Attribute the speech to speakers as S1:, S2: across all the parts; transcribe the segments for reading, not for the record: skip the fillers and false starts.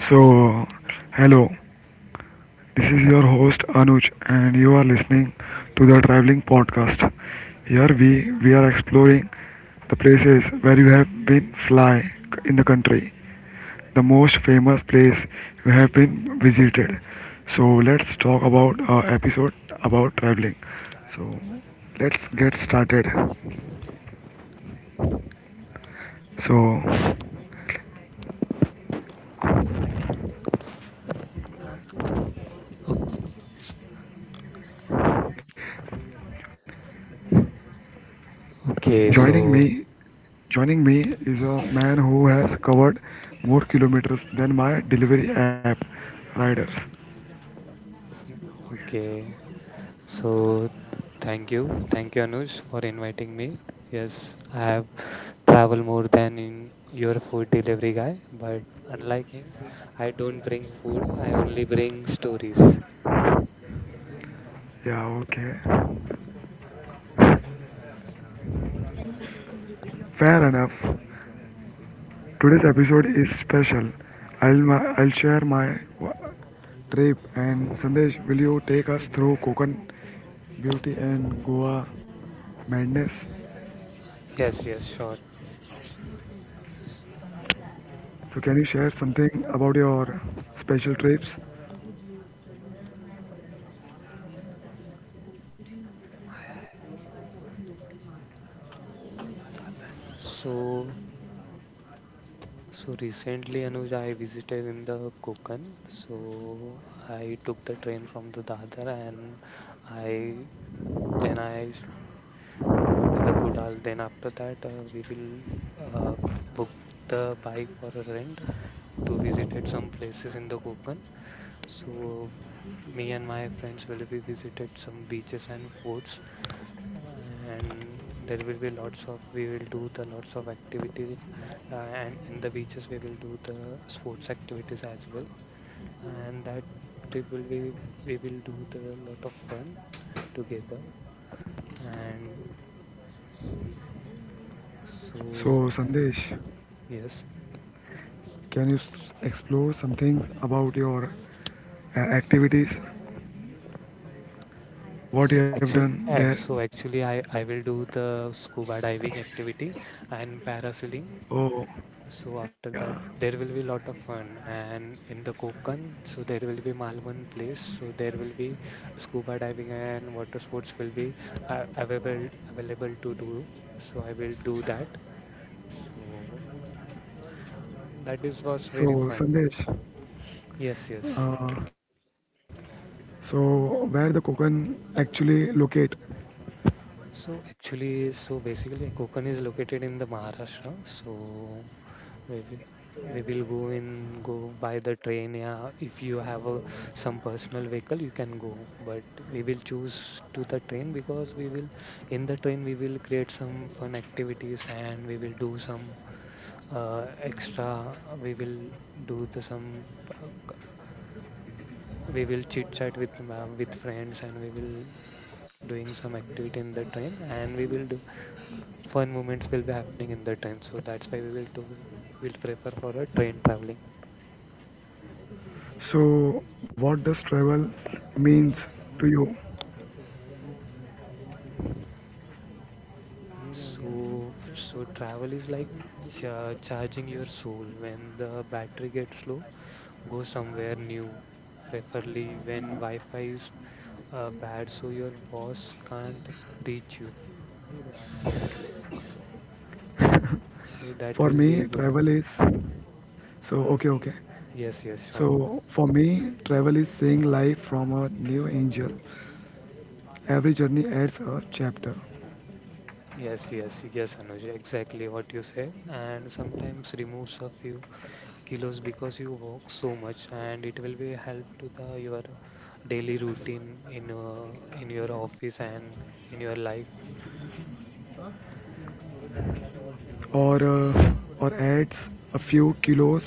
S1: So, hello, this is your host Anuj, and you are listening to the Traveling Podcast. Here we are exploring the places where you have been fly in the country, the most famous place you have been visited. So let's talk about our episode about traveling. So let's get started. So
S2: नाम तो Okay,
S1: Joining me,
S2: so
S1: joining me is a man who has covered more kilometers than my delivery app riders.
S2: okay, so thank you, Anuj, for inviting me. Yes, I have traveled more than in your food delivery guy, but unlike him, I don't bring food. I only bring stories.
S1: Yeah, okay. Fair enough. Today's episode is special. I'll share my trip and Sandesh, will you take us through Konkan beauty and Goa madness?
S2: Yes, yes, sure.
S1: So can you share something about your special trips?
S2: So, so, recently, Anuj, I visited in the Konkan. So I took the train from the Dadar and I then I go to the Kudal. Then after that, we will uh, book the bike for a rent to visit at some places in the Konkan. So me and my friends will be visited some beaches and forts, and there will be lots of we will do the lots of activities, and in the beaches we will do the sports activities as well. And that trip will be we will do the lot of fun together. And
S1: So
S2: so.
S1: Sandesh,
S2: Yes.
S1: Can you s- explore some things about your activities, what you
S2: So
S1: have done there?
S2: actually, so actually, I will do the scuba diving activity and parasailing.
S1: Oh,
S2: So after
S1: yeah.
S2: that, there will be a lot of fun. And in the Konkan, so there will be Malvan place. So there will be scuba diving and water sports will be available to do. So I will do that. So that is was very
S1: So,
S2: fun.
S1: Sandesh,
S2: Yes, yes.
S1: uh, so where the Kokan actually locate?
S2: So basically, Konkan is located in the Maharashtra. So maybe we will go by the train. Yeah, if you have a some personal vehicle, you can go. But we will choose to the train because we will in the train we will create some fun activities and we will do some extra. We will do the some. uh, we will chit chat with friends and we will doing some activity in the train and we will do fun moments will be happening in that time so that's why we will do we'll prefer for a train traveling.
S1: So, what does travel means to you?
S2: So travel is like charging your soul when the battery gets low, go somewhere new, preferably when wi-fi is bad so your boss can't reach you, so that
S1: For
S2: will be
S1: me,
S2: good.
S1: travel is so okay.
S2: Yes, yes, sure.
S1: So for me, travel is seeing life from a new angel. Every journey adds a chapter.
S2: Yes, yes, yes, Anuj, exactly what you said, and sometimes removes a few kilos because you walk so much, and it will be a help to the your daily routine in uh, in your office and in your life.
S1: Or or adds a few kilos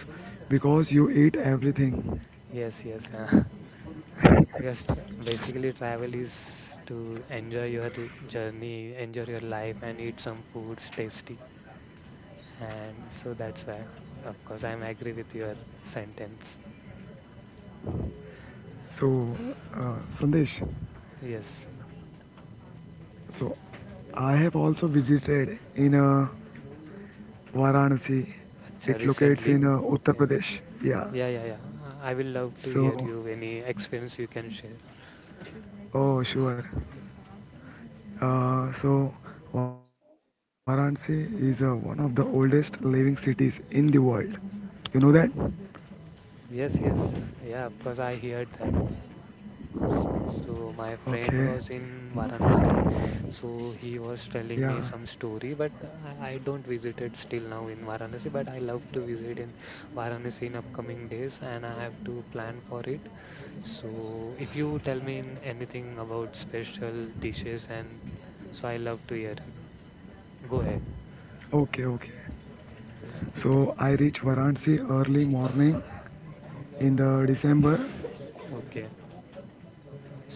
S1: because you eat everything.
S2: Yes, yes. Just basically travel is to enjoy your journey, enjoy your life and eat some foods tasty. And so that's why, of course, I'm agree with your sentence.
S1: So, Sandesh,
S2: Yes.
S1: so I have also visited in Varanasi.
S2: Acha,
S1: It locates
S2: recently.
S1: in Uttar
S2: Okay.
S1: Pradesh. Yeah.
S2: Yeah, yeah, yeah. I will love to hear
S1: So,
S2: you any experience you can share.
S1: oh sure. So, Varanasi is one of the oldest living cities in the world. You know that?
S2: Yes, yes. Yeah, of course, I heard that. S- So, my
S1: Okay.
S2: friend was in Varanasi, so he was
S1: Yeah.
S2: telling me some story, but I don't visit it still now in Varanasi, but I love to visit in Varanasi in upcoming days and I have to plan for it. So, if you tell me in anything about special dishes and so I love to hear it. Go ahead.
S1: Okay. Okay. So I reached Varanasi early morning in the December
S2: Okay.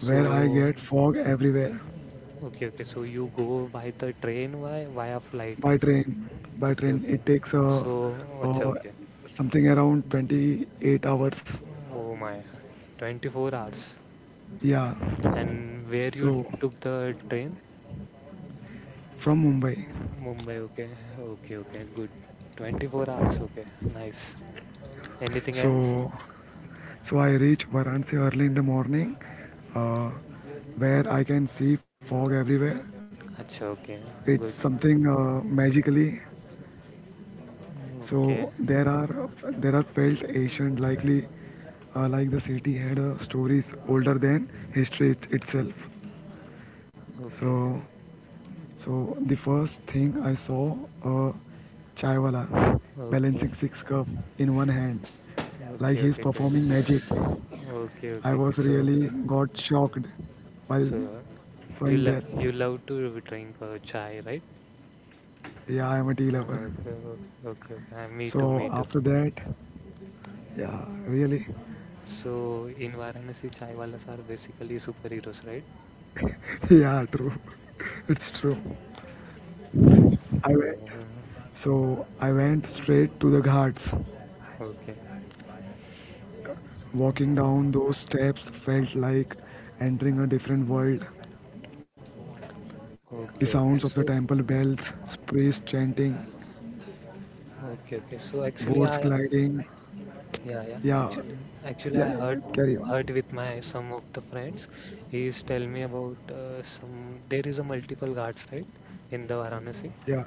S1: where I get fog everywhere
S2: okay, okay. So you go by the train via flight.
S1: by train. By
S2: Okay,
S1: train,
S2: okay.
S1: it takes
S2: So, अच्छा,
S1: uh,
S2: okay.
S1: something around 28 hours.
S2: Oh my, 24 hours.
S1: Yeah,
S2: And where you
S1: so
S2: took the train?
S1: from Mumbai.
S2: Mm, Mumbai, okay. Okay, okay, good. 24 hours, okay. Nice. Anything else?
S1: So, so I reach Varanasi early in the morning uh, where I can see fog everywhere.
S2: Acha, okay,
S1: It's
S2: good.
S1: something magically. So
S2: Okay,
S1: there are felt ancient likely like the city had stories older than history itself.
S2: okay,
S1: So so the first thing I saw, a chaiwala
S2: okay,
S1: balancing six cup in one hand like
S2: okay,
S1: he's
S2: okay, great.
S1: performing magic.
S2: Okay,
S1: I
S2: okay, okay.
S1: was
S2: So,
S1: really got shocked while
S2: so you
S1: sewing that.
S2: love you love to drink chai, right?
S1: Yeah, I'm a tea lover.
S2: Okay, okay, okay. Okay. Me too,
S1: So
S2: me too.
S1: after that, yeah, really,
S2: So in Varanasi, chai walas are basically superheroes, right?
S1: yeah, true. It's true. I went,
S2: So,
S1: so I went straight to the ghats.
S2: okay.
S1: Walking
S2: Mm.
S1: down those steps felt like entering a different world. The
S2: Okay,
S1: sounds of
S2: okay.
S1: the
S2: So,
S1: temple bells, priests chanting,
S2: okay, okay. So actually,
S1: boats
S2: I
S1: gliding.
S2: yeah, yeah.
S1: Yeah,
S2: Actually,
S1: yeah,
S2: I heard
S1: yeah, carry on.
S2: heard with my some of the friends. He's tell me about some. There is a multiple ghats, right, in the Varanasi.
S1: Yeah,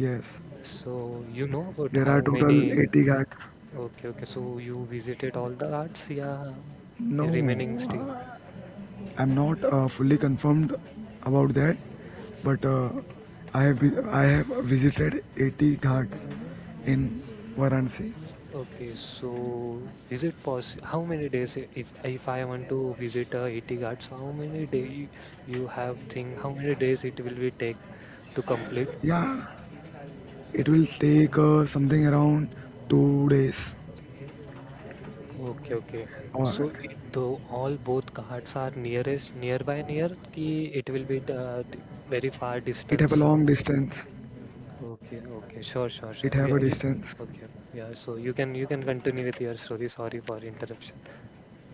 S1: yes.
S2: So you know about
S1: There are
S2: how
S1: total
S2: many?
S1: 80 ghats.
S2: Okay, okay. So you visited all the ghats, yeah,
S1: No,
S2: remaining still.
S1: uh, I'm not fully confirmed about that, but I have visited 80 ghats in Varanasi.
S2: Mm. Okay, so is it possible? How many days if I want to visit 80 Ghats, how many day you, you have think how many days it will be take to complete?
S1: Yeah, it will take something around 2 days.
S2: Okay, okay.
S1: Or
S2: So it, though all both Ghats are near ki it will be very far
S1: it have a
S2: distance.
S1: long distance.
S2: Okay, okay. Sure,
S1: It
S2: sure,
S1: have a
S2: sure. Yeah, you,
S1: distance.
S2: okay. Okay. Yeah, so you can continue with your story. Sorry for interruption.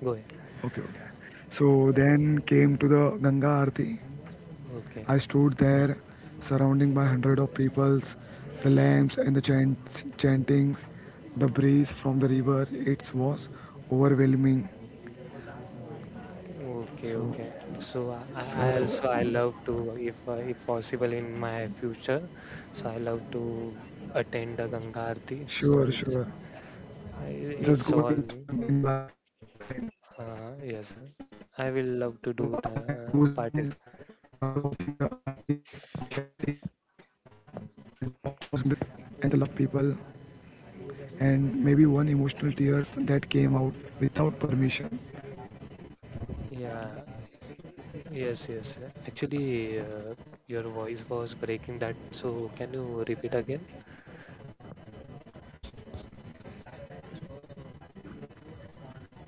S2: Go ahead.
S1: Okay, okay. So then came to the Ganga Aarti. I
S2: Okay.
S1: stood there, surrounding by hundred of peoples, the lamps and the chantings, the breeze from the river. It was overwhelming.
S2: Okay,
S1: So,
S2: okay. So I also
S1: so
S2: I love to if possible in my future. So I love to attend the Ganga Aarti. So
S1: sure,
S2: it's
S1: sure. Just
S2: it's
S1: go
S2: all
S1: in one in a
S2: um,
S1: lifetime.
S2: yes. I will love to
S1: So
S2: do
S1: I
S2: the
S1: had a goosebumps
S2: partic.
S1: while watching the aartis and chantings and the lots of people and maybe one emotional tears that came out without permission.
S2: Yeah, yes, yes, yeah. Actually, your voice was breaking that. So can you repeat again?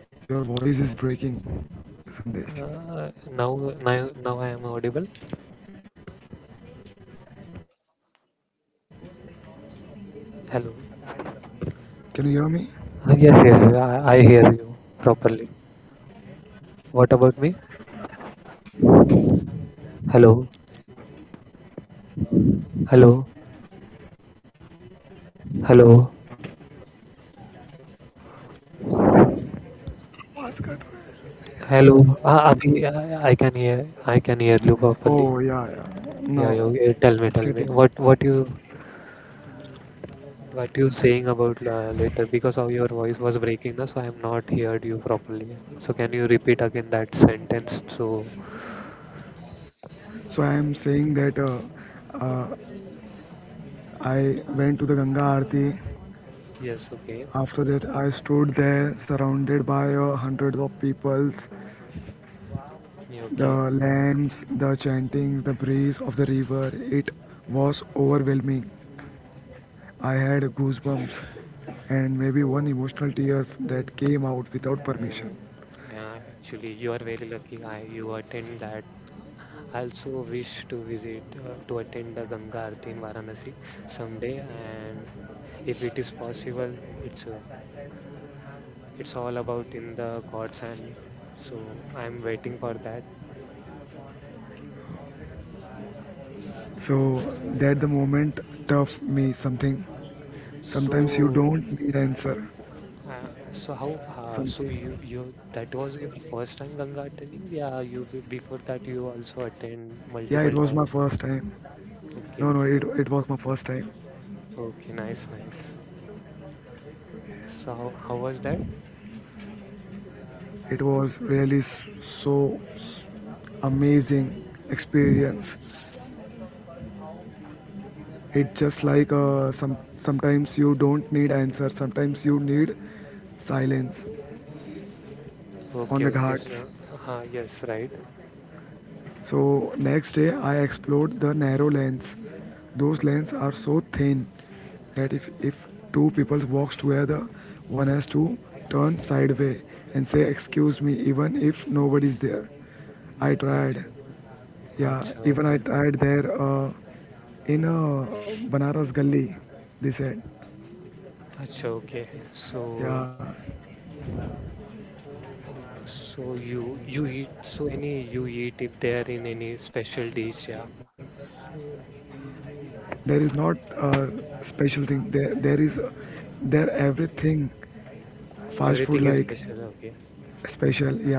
S1: Your voice is breaking, Sandesh.
S2: Uh, now now I am audible. Hello.
S1: Can you hear me?
S2: Yes, yes. I hear you properly. What about me? Hello, hello, hello, hello. Ah, Abhi, I can hear, I can hear you properly.
S1: Oh yeah, yeah.
S2: Yeah, yeah,
S1: Now
S2: yeah.
S1: it's
S2: Tell me,
S1: getting.
S2: what, what you saying about later? Because of your voice was breaking, na, so I am not heard you properly. So can you repeat again that sentence? So
S1: So I am saying that I went to the Ganga Aarti.
S2: yes, okay,
S1: After that, I stood there surrounded by hundreds of peoples.
S2: yeah, okay.
S1: The lamps, the chanting, the breeze of the river, it was overwhelming. I had goosebumps and maybe one
S2: Oh,
S1: emotional tears that came out without
S2: mm,
S1: permission.
S2: yeah, actually, you are very lucky. I, you attend that. I also wish to visit to attend the Ganga Aarti in Varanasi someday, and if it is possible, it's uh, it's all about in the god's hand, so I'm waiting for that.
S1: So
S2: so
S1: that the moment taught me something. Sometimes you
S2: so
S1: don't need answer.
S2: uh, so how,
S1: Some
S2: so you that was your first time ganga attending, yeah, you before that you also attend
S1: yeah, it was
S2: multiple
S1: my first
S2: times?
S1: time. No,
S2: Okay,
S1: it
S2: okay,
S1: was my first time.
S2: okay, nice, nice. So how was that?
S1: It was really so s- amazing experience. It's just like sometimes you don't need answer, sometimes you need silence on
S2: Okay,
S1: the
S2: okay. So
S1: ghats.
S2: yes, right.
S1: So next day I explored the narrow lanes. Those
S2: Okay.
S1: lanes are so thin that if two people walk together, one has to turn sideways and say excuse me even if nobody's there. I tried.
S2: अच्छा.
S1: Yeah,
S2: अच्छा,
S1: even I
S2: okay. Okay.
S1: tried there in Banaras Gully, they said.
S2: अच्छा, okay. So
S1: Yeah,
S2: so you eat so any you eat it there in any special dish, yeah.
S1: there is not a special thing. There everything fast food
S2: Everything is
S1: like
S2: special, okay.
S1: special. Yeah,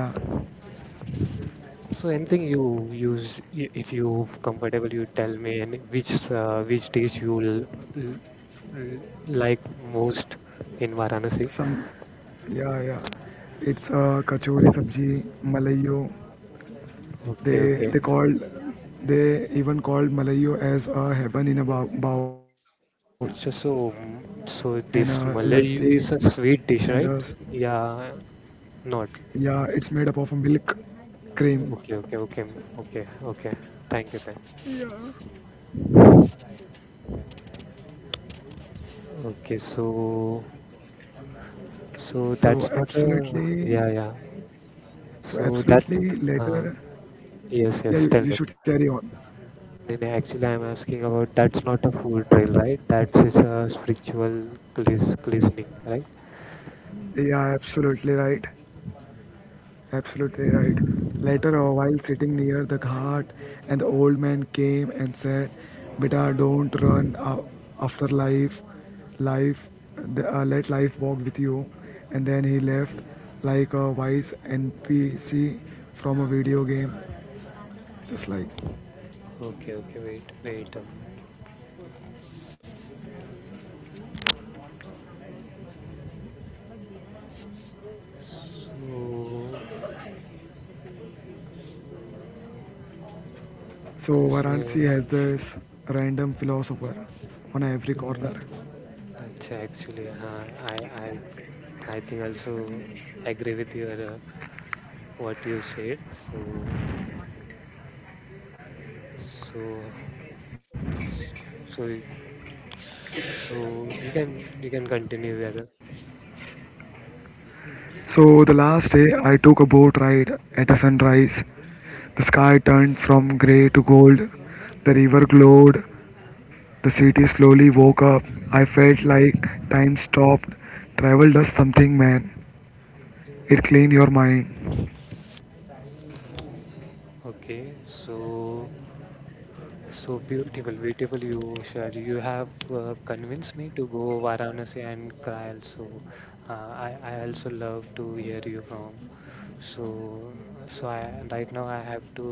S2: So anything you use if you comfortable, you tell me and which dish you l- l- like most in Varanasi.
S1: some, yeah, yeah. It's kachori sabji, malayo.
S2: Okay, okay.
S1: They called, they even called malayo as a heaven in a bowl,
S2: So so
S1: and
S2: mm, so this
S1: lassi,
S2: Malayu is a
S1: and
S2: sweet dish, right? Yeah, not.
S1: yeah, it's made up of a milk cream.
S2: Okay, okay, okay, okay, okay. Thank you, thank you. Okay, so. So that's
S1: So
S2: not a,
S1: absolutely,
S2: yeah, yeah.
S1: so
S2: So that
S1: absolutely
S2: uh,
S1: later,
S2: yes, yes.
S1: yeah,
S2: Tell
S1: you,
S2: me.
S1: you should carry on.
S2: No, no, actually, I'm asking about that's not a food trail, right? That's is a spiritual cleansing, right?
S1: Yeah, absolutely right. Absolutely right. Later, while sitting near the ghat, and the old man came and said, "Beta, don't run a- after life. Life, let life walk with you." And then he left, like a wise NPC from a video game. Just like
S2: Okay, okay, wait, wait a minute. So,
S1: so,
S2: Krishna,
S1: Varanasi has this random philosopher on every corner.
S2: अच्छा actually हाँ I I think also I agree with your what you said. So so so So you can continue there.
S1: So the last day I took a boat ride at a sunrise. The sky turned from grey to gold. The river glowed. The city slowly woke up. I felt like time stopped. Travel does something, man. It clean your mind.
S2: Okay. So so beautiful, beautiful you share. You have convinced me to go Varanasi and Kraal. So I also love to hear you from. So, so, I right now I have to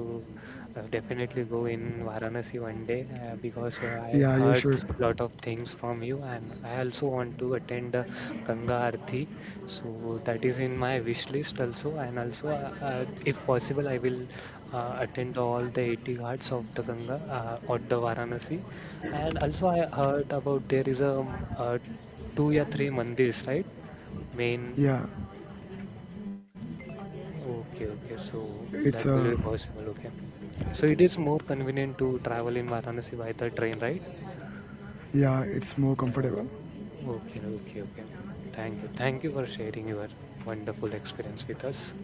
S2: definitely go in Varanasi one day because I
S1: Yeah, you
S2: heard
S1: should.
S2: lot of things from you, and I also want to attend Ganga Aarti. So that is in my wish list also, and also if possible, I will attend all the 80 ghats of the Ganga or the Varanasi. And also I heard about there is a, two or three mandirs, right? Main.
S1: Yeah,
S2: Okay, okay. So
S1: it's uh,
S2: that will be possible. Okay. So it is more convenient to travel in Varanasi by the train, right?
S1: yeah, it's more
S2: Yeah.
S1: comfortable.
S2: Okay, okay, okay. Thank you. Thank you for sharing your wonderful experience with us.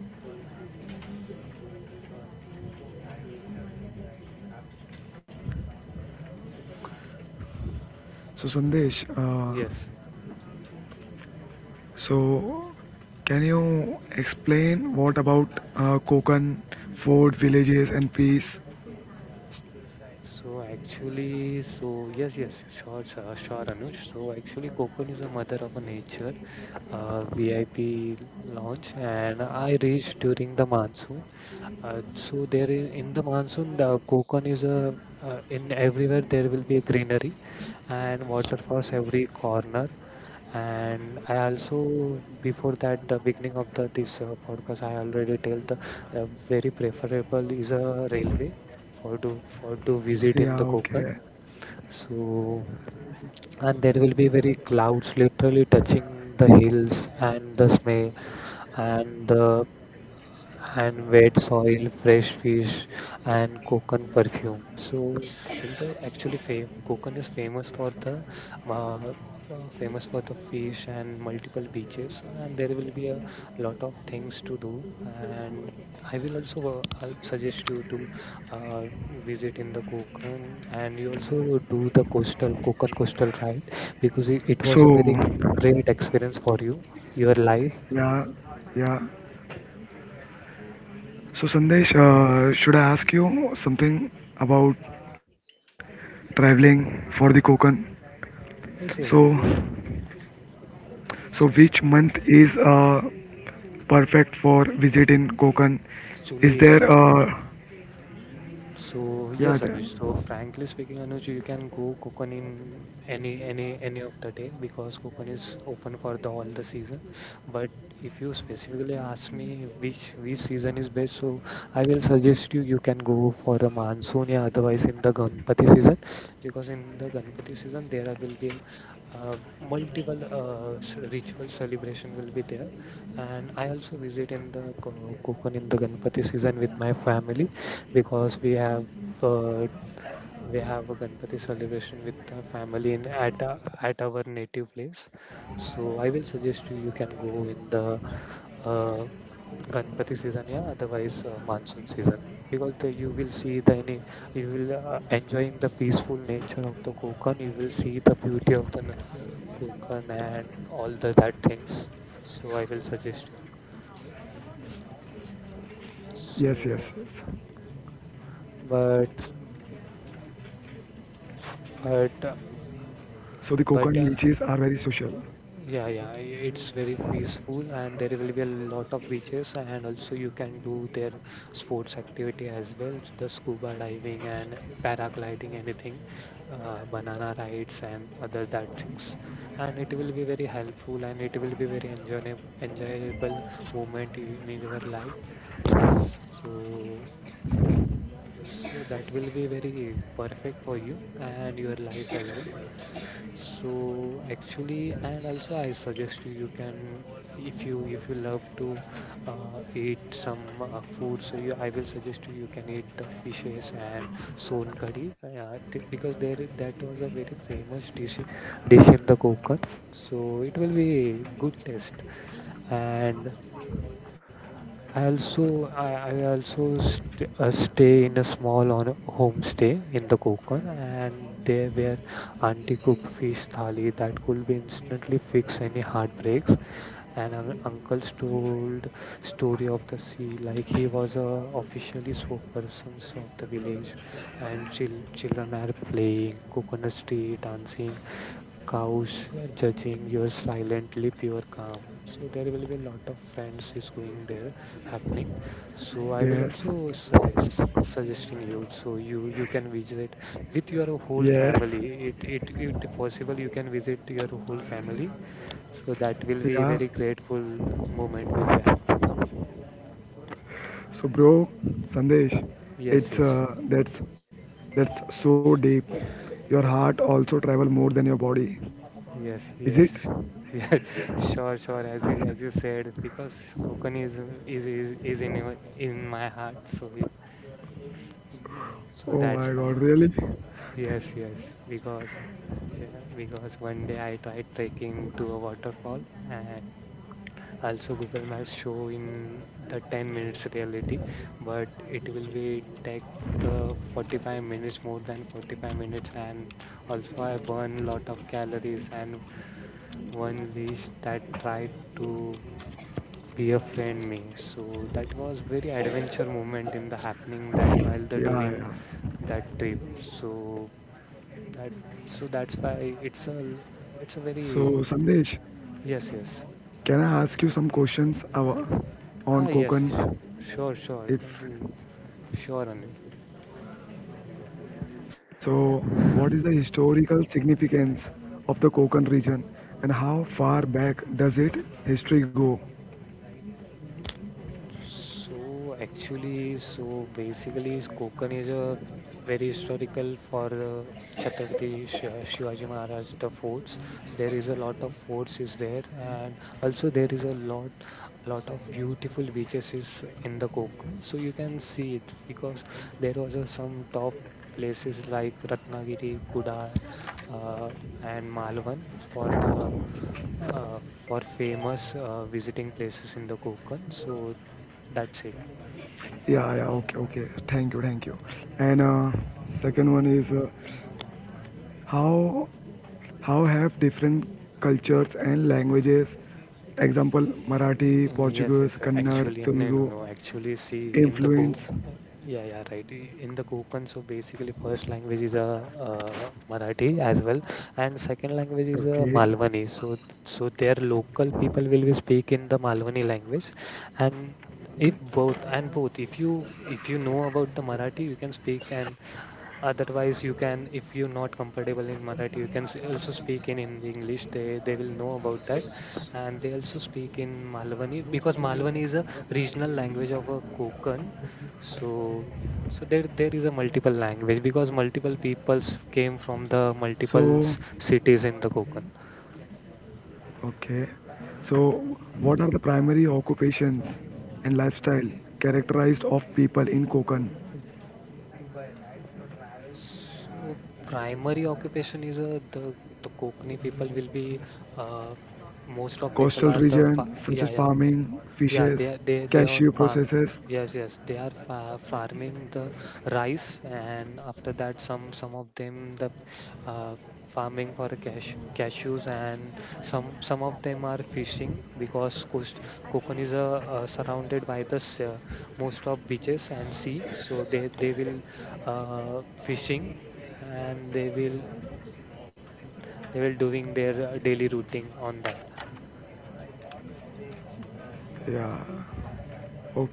S1: So Sandesh,
S2: Yes.
S1: so can you explain what about Konkan fort villages and peace?
S2: So actually, so yes, yes, sure, sure, sure, Anuj. So actually, Kokon is a mother of a nature, VIP launch, and I reached during the monsoon. In the monsoon, the Konkan is a, in everywhere there will be a greenery and waterfalls every corner. And I also before that the beginning of the this podcast I already tell the uh, very preferable is a railway for to visit
S1: Yeah,
S2: in the
S1: okay.
S2: Konkan. So and there will be very clouds literally touching the hills and the smell and the and wet soil, fresh fish, and coconut perfume. So, in the actually, Konkan is uh, famous for the fish and multiple beaches, and there will be a lot of things to do. And I will also I'll suggest you to visit in the Konkan, and you also do the coastal Konkan coastal ride because it was a
S1: So,
S2: very great experience for you, your life.
S1: yeah, yeah. So, Sandesh, should I ask you something about traveling for the Konkan?
S2: Yes,
S1: So,
S2: yes, yes.
S1: so which month is perfect for visit in Konkan? Is
S2: Actually, if
S1: there a
S2: so yes,
S1: yeah? T-
S2: Anuj. So frankly speaking, Anuj, you can go Kukan in any of the day because Kukan is open for the all the season. But if you specifically ask me which season is best, so I will suggest you you can go for the monsoon, yeah, otherwise in the Ganpati season, because in the Ganpati season will be multiple ritual celebration will be there, and I also visit in the Kukan in the Ganpati season with my family because uh, we have a Ganpati celebration with the family in at our native place. So I will suggest you you can go in the uh, Ganpati season, yeah. Otherwise, monsoon season because you will see the any you will enjoying the peaceful nature of the Konkan. You will see the beauty of the Konkan and all the that things. So I will suggest you.
S1: yes, yes, yes.
S2: So, but but
S1: So the Konkan leeches are very
S2: but.
S1: social.
S2: Yeah, yeah, it's very peaceful and there will be a lot of beaches and also you can do their sports activity as well, the scuba diving and paragliding, anything, banana rides and other that things. And it will be very helpful and it will be very enjoyable moment in your life. So, so that will be very perfect for you and your life as well. So actually, and also I suggest you, you can if you love to eat some food, so you I will suggest you you can eat the fishes and son curry because that was a very famous dish in the Konkan. So it will be good taste and I also st stay in a small on homestay in the Konkan, and there were auntie cook fish thali that could be instantly fix any heartbreaks, and un uncle's told story of the sea like he was a officially spokesperson of the village, and children are playing, coconut tree dancing, cows judging your silently pure calm. So there will be a lot of friends is going there happening. So I will
S1: Yes,
S2: also suggesting you, so you can visit with your whole
S1: yes,
S2: family, it possible you can visit your whole family, so that will be
S1: yeah.
S2: very grateful moment will be happen.
S1: So, bro, Sandesh,
S2: Yes,
S1: it's
S2: yes.
S1: that's so deep. Your heart also travel more than your body,
S2: Yes,
S1: is it?
S2: yes, sure. Yeah, sure, sure. As you said, because Kokani is in in my heart, so it, so
S1: Oh my
S2: that's
S1: God,
S2: why.
S1: really?
S2: Yes, yes, because yeah, because one day I tried trekking to a waterfall and also Google Maps show in the 10 minutes reality, but it will be take the 45 minutes, more than 45 minutes, and also I burn lot of calories and one leash that tried to be a friend me. So that was very adventure moment in the happening that while the
S1: Yeah,
S2: doing
S1: yeah.
S2: that trip. So that so that's why it's a l- it's a very
S1: So, Sandesh,
S2: yes yes
S1: can I ask you some questions on
S2: yes
S1: Konkan?
S2: sure sure.
S1: If
S2: Mm, sure, Anish.
S1: so, what is the historical significance of the Konkan region, and how far back does it history go?
S2: So actually, so basically, is Konkan is a very historical for Chhatrapati Shivaji Maharaj, the forts. There is a lot of forts is there, and also there is a lot of beautiful beaches is in the Konkan. So you can see it because there was a, some top places like Ratnagiri, Kudal, uh, and Malvan for the uh, for famous visiting places in the Konkan. So that's it.
S1: Yeah, yeah. Okay, okay. Thank you, thank you. And second one is. How have different cultures and languages, example marathi
S2: Mm, yes,
S1: portuguese
S2: yes.
S1: kannada
S2: Actually, no,
S1: telugu
S2: no, no. Actually, see, in the Co,
S1: influence?
S2: uh, yeah, yeah, right. In the Konkan, so basically, first language is a uh, Marathi as well, and second language is a
S1: Okay,
S2: Malwani. So, so their local people will be speak in the Malwani language, and if both and both, if you know about the Marathi, you can speak, and otherwise, you can, if you're not comfortable in Marathi, you can also speak in Hindi, English. They will know about that, and they also speak in Malwani because Malwani is a regional language of a Konkan. So so there is a multiple language because multiple peoples came from the multiple
S1: so
S2: cities in the Konkan.
S1: okay, so what are the primary occupations and lifestyle characterized of people in Konkan
S2: So primary occupation is the Kokni people will be uh, most of people
S1: coastal
S2: are the fa
S1: region, such as
S2: yeah yeah.
S1: farming,
S2: Yeah,
S1: fishes,
S2: they are
S1: cashew
S2: farming.
S1: processes?
S2: Yes, yes, they are fa farming the rice, and after that, some of them the uh, farming for cashews, and some of them are fishing because Coast, Cocon is surrounded by the most of beaches and sea, so they will fishing, and they will doing their daily routine on that.
S1: Yeah, okay.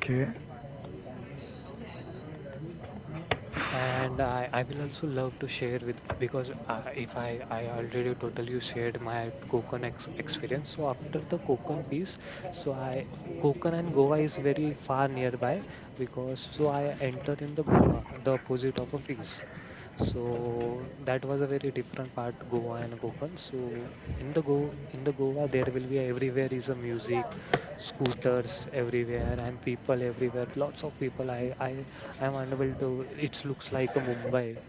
S2: And I will also love to share with because if I, I already totally shared my Konkan ex experience. So after the Konkan piece, so I Konkan and Goa is very far nearby, because so I enter in the Goa, the opposite of a fees. So that was a very different part, Goa and Konkan. So in the Go in the Goa, there will be everywhere is a music, scooters everywhere and people everywhere. Lots of people. I am unable to. It looks like a Mumbai.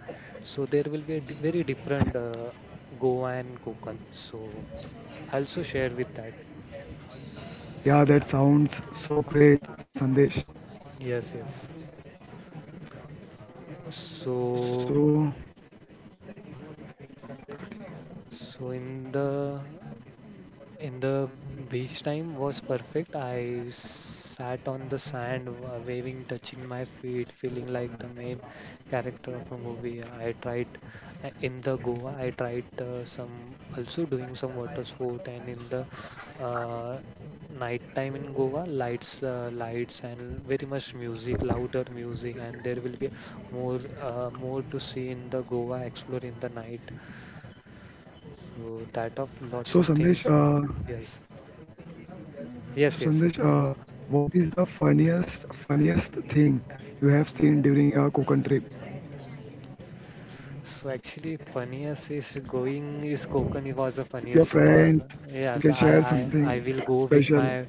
S2: So there will be a very different Goa and Konkan. So I also share with that.
S1: Yeah, that sounds so great, sandesh.
S2: Yes, yes. So
S1: so
S2: so in the beach time was perfect. I sat on the sand, waving, touching my feet, feeling like the main character of a movie. I tried in the Goa. I tried some also doing some water sport, and in the uh, night time in Goa, lights, and very much music, louder music, and there will be more to see in the Goa. Explore in the night. So that of lots
S1: so
S2: of
S1: sandesh
S2: things.
S1: uh,
S2: Yes. Yes,
S1: So
S2: yes, sir,
S1: Sandesh,
S2: tell me.
S1: what is the funniest thing you have seen during your Konkan trip
S2: So actually, funniest is going is Konkani was the
S1: with your
S2: funniest was
S1: friends? You can
S2: yes.
S1: share something
S2: I will go
S1: special.
S2: with my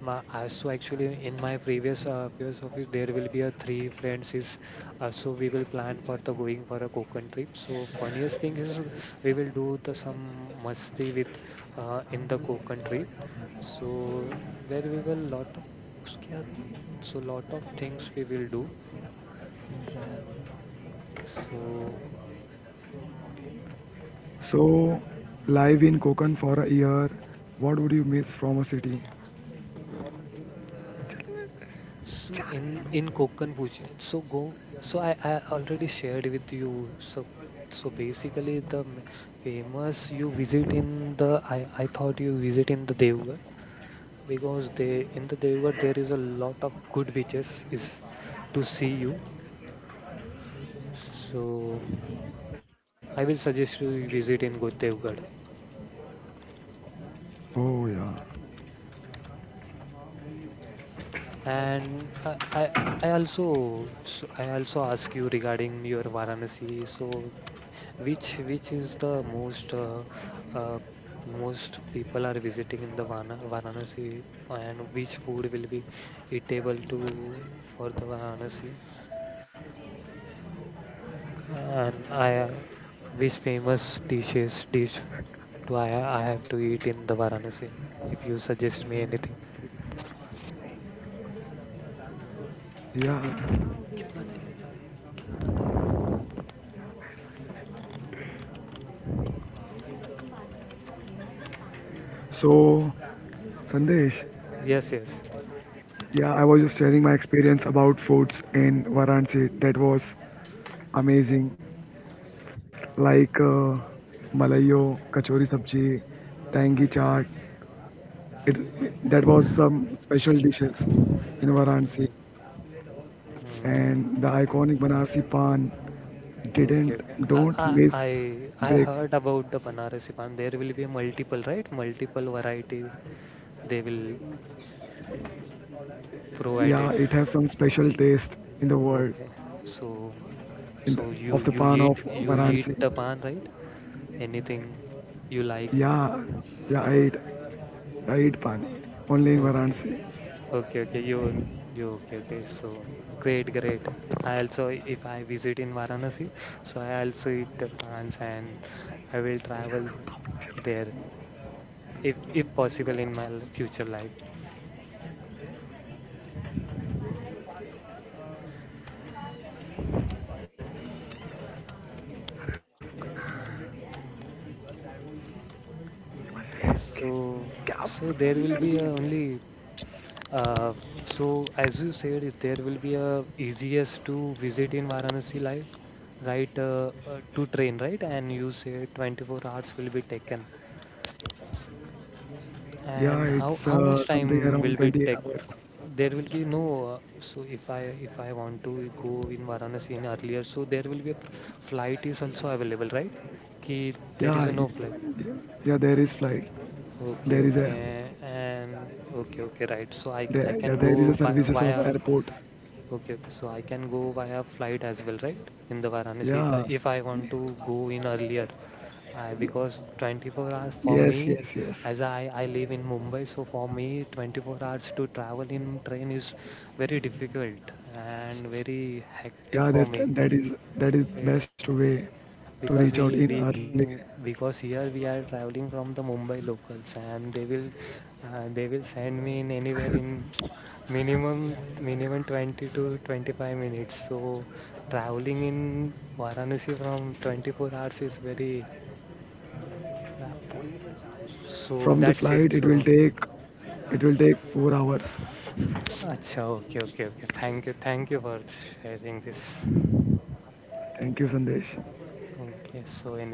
S2: my. I, so actually, in my previous office, there will be a 3 friends is. So we will plan for the going for a Konkan trip. So funniest thing is we will do the some musti with in the Konkan trip. So there we will lot of उसके आगे- so lot of things we will do. So.
S1: So live in Konkan for a year, what would you miss from a city?
S2: So in Konkan fusion, so go. So I already shared with you. So so basically the famous you visit in the I thought you visit in the Devgarh, because they in the Devgarh there is a lot of good beaches is to see you. So I will suggest you visit in Devgarh.
S1: Oh yeah,
S2: And I also so I also ask you regarding your Varanasi. So which is the most uh, most people are visiting in the Varanasi, and which food will be eatable to for the Varanasi, and I which famous dish do I have to eat in the Varanasi? If you suggest me anything.
S1: yeah.
S2: कितना time बचा? कितना time?
S1: So Sandesh,
S2: Yes, yes.
S1: yeah, I was just sharing my experience about foods in Varanasi. That was amazing, like malayo, kachori sabji, tangy chaat. It, that was some special dishes in
S2: Yeah.
S1: Varanasi, and
S2: Mm,
S1: the iconic Banarsi Pan
S2: okay,
S1: didn't
S2: okay.
S1: don't miss
S2: I
S1: break.
S2: heard about the Banarasi Pan. There will be multiple, right? Multiple variety they will provide it.
S1: Yeah, it has some special taste in the world
S2: Okay. So
S1: in
S2: so
S1: the,
S2: you
S1: of the pan of
S2: you eat
S1: Varanasi.
S2: the pan, right? Anything you like.
S1: Yeah, yeah, I eat, I eat pan only in
S2: Okay.
S1: Varanasi.
S2: Okay, okay. You okay, okay. So great, great. I also if I visit in Varanasi, so I also eat the pans, and I will travel there if possible in my future life. So, so there will be a only uh, so as you said, there will be a easiest to visit in Varanasi, like right to train, right? And you said 24 hours will be taken.
S1: Yeah,
S2: And how
S1: it's
S2: how much
S1: something
S2: time will
S1: around
S2: be
S1: 28
S2: take?
S1: hours.
S2: There will be no. So if I want to go in Varanasi in earlier, so there will be a flight is also available, right? Ki there is a
S1: Yeah,
S2: no
S1: it's,
S2: flight.
S1: yeah, yeah, there is flight.
S2: Okay,
S1: There is a
S2: okay, and okay, okay, right. So I
S1: there
S2: can
S1: yeah there is
S2: go
S1: a
S2: by
S1: services of
S2: via
S1: airport.
S2: okay, okay. So I can go via flight as well, right? In the Varanasi,
S1: Yeah,
S2: if I want to go in earlier, I because 24 hours for
S1: yes,
S2: me,
S1: yes, yes.
S2: as I live in Mumbai, so for me 24 hours to travel in train is very difficult and very hectic
S1: Yeah,
S2: for me.
S1: that is
S2: Okay,
S1: best way to reach
S2: because
S1: out in early.
S2: because here we are traveling from the Mumbai locals, and they will send me in anywhere in minimum 20 to 25 minutes, so traveling in Varanasi from 24 hours is very uh, pull-
S1: From
S2: so
S1: the
S2: that's it
S1: flight,
S2: so
S1: it will take 4 hours.
S2: acha okay okay okay thank you for sharing this
S1: Thank you, Sandesh.
S2: okay so any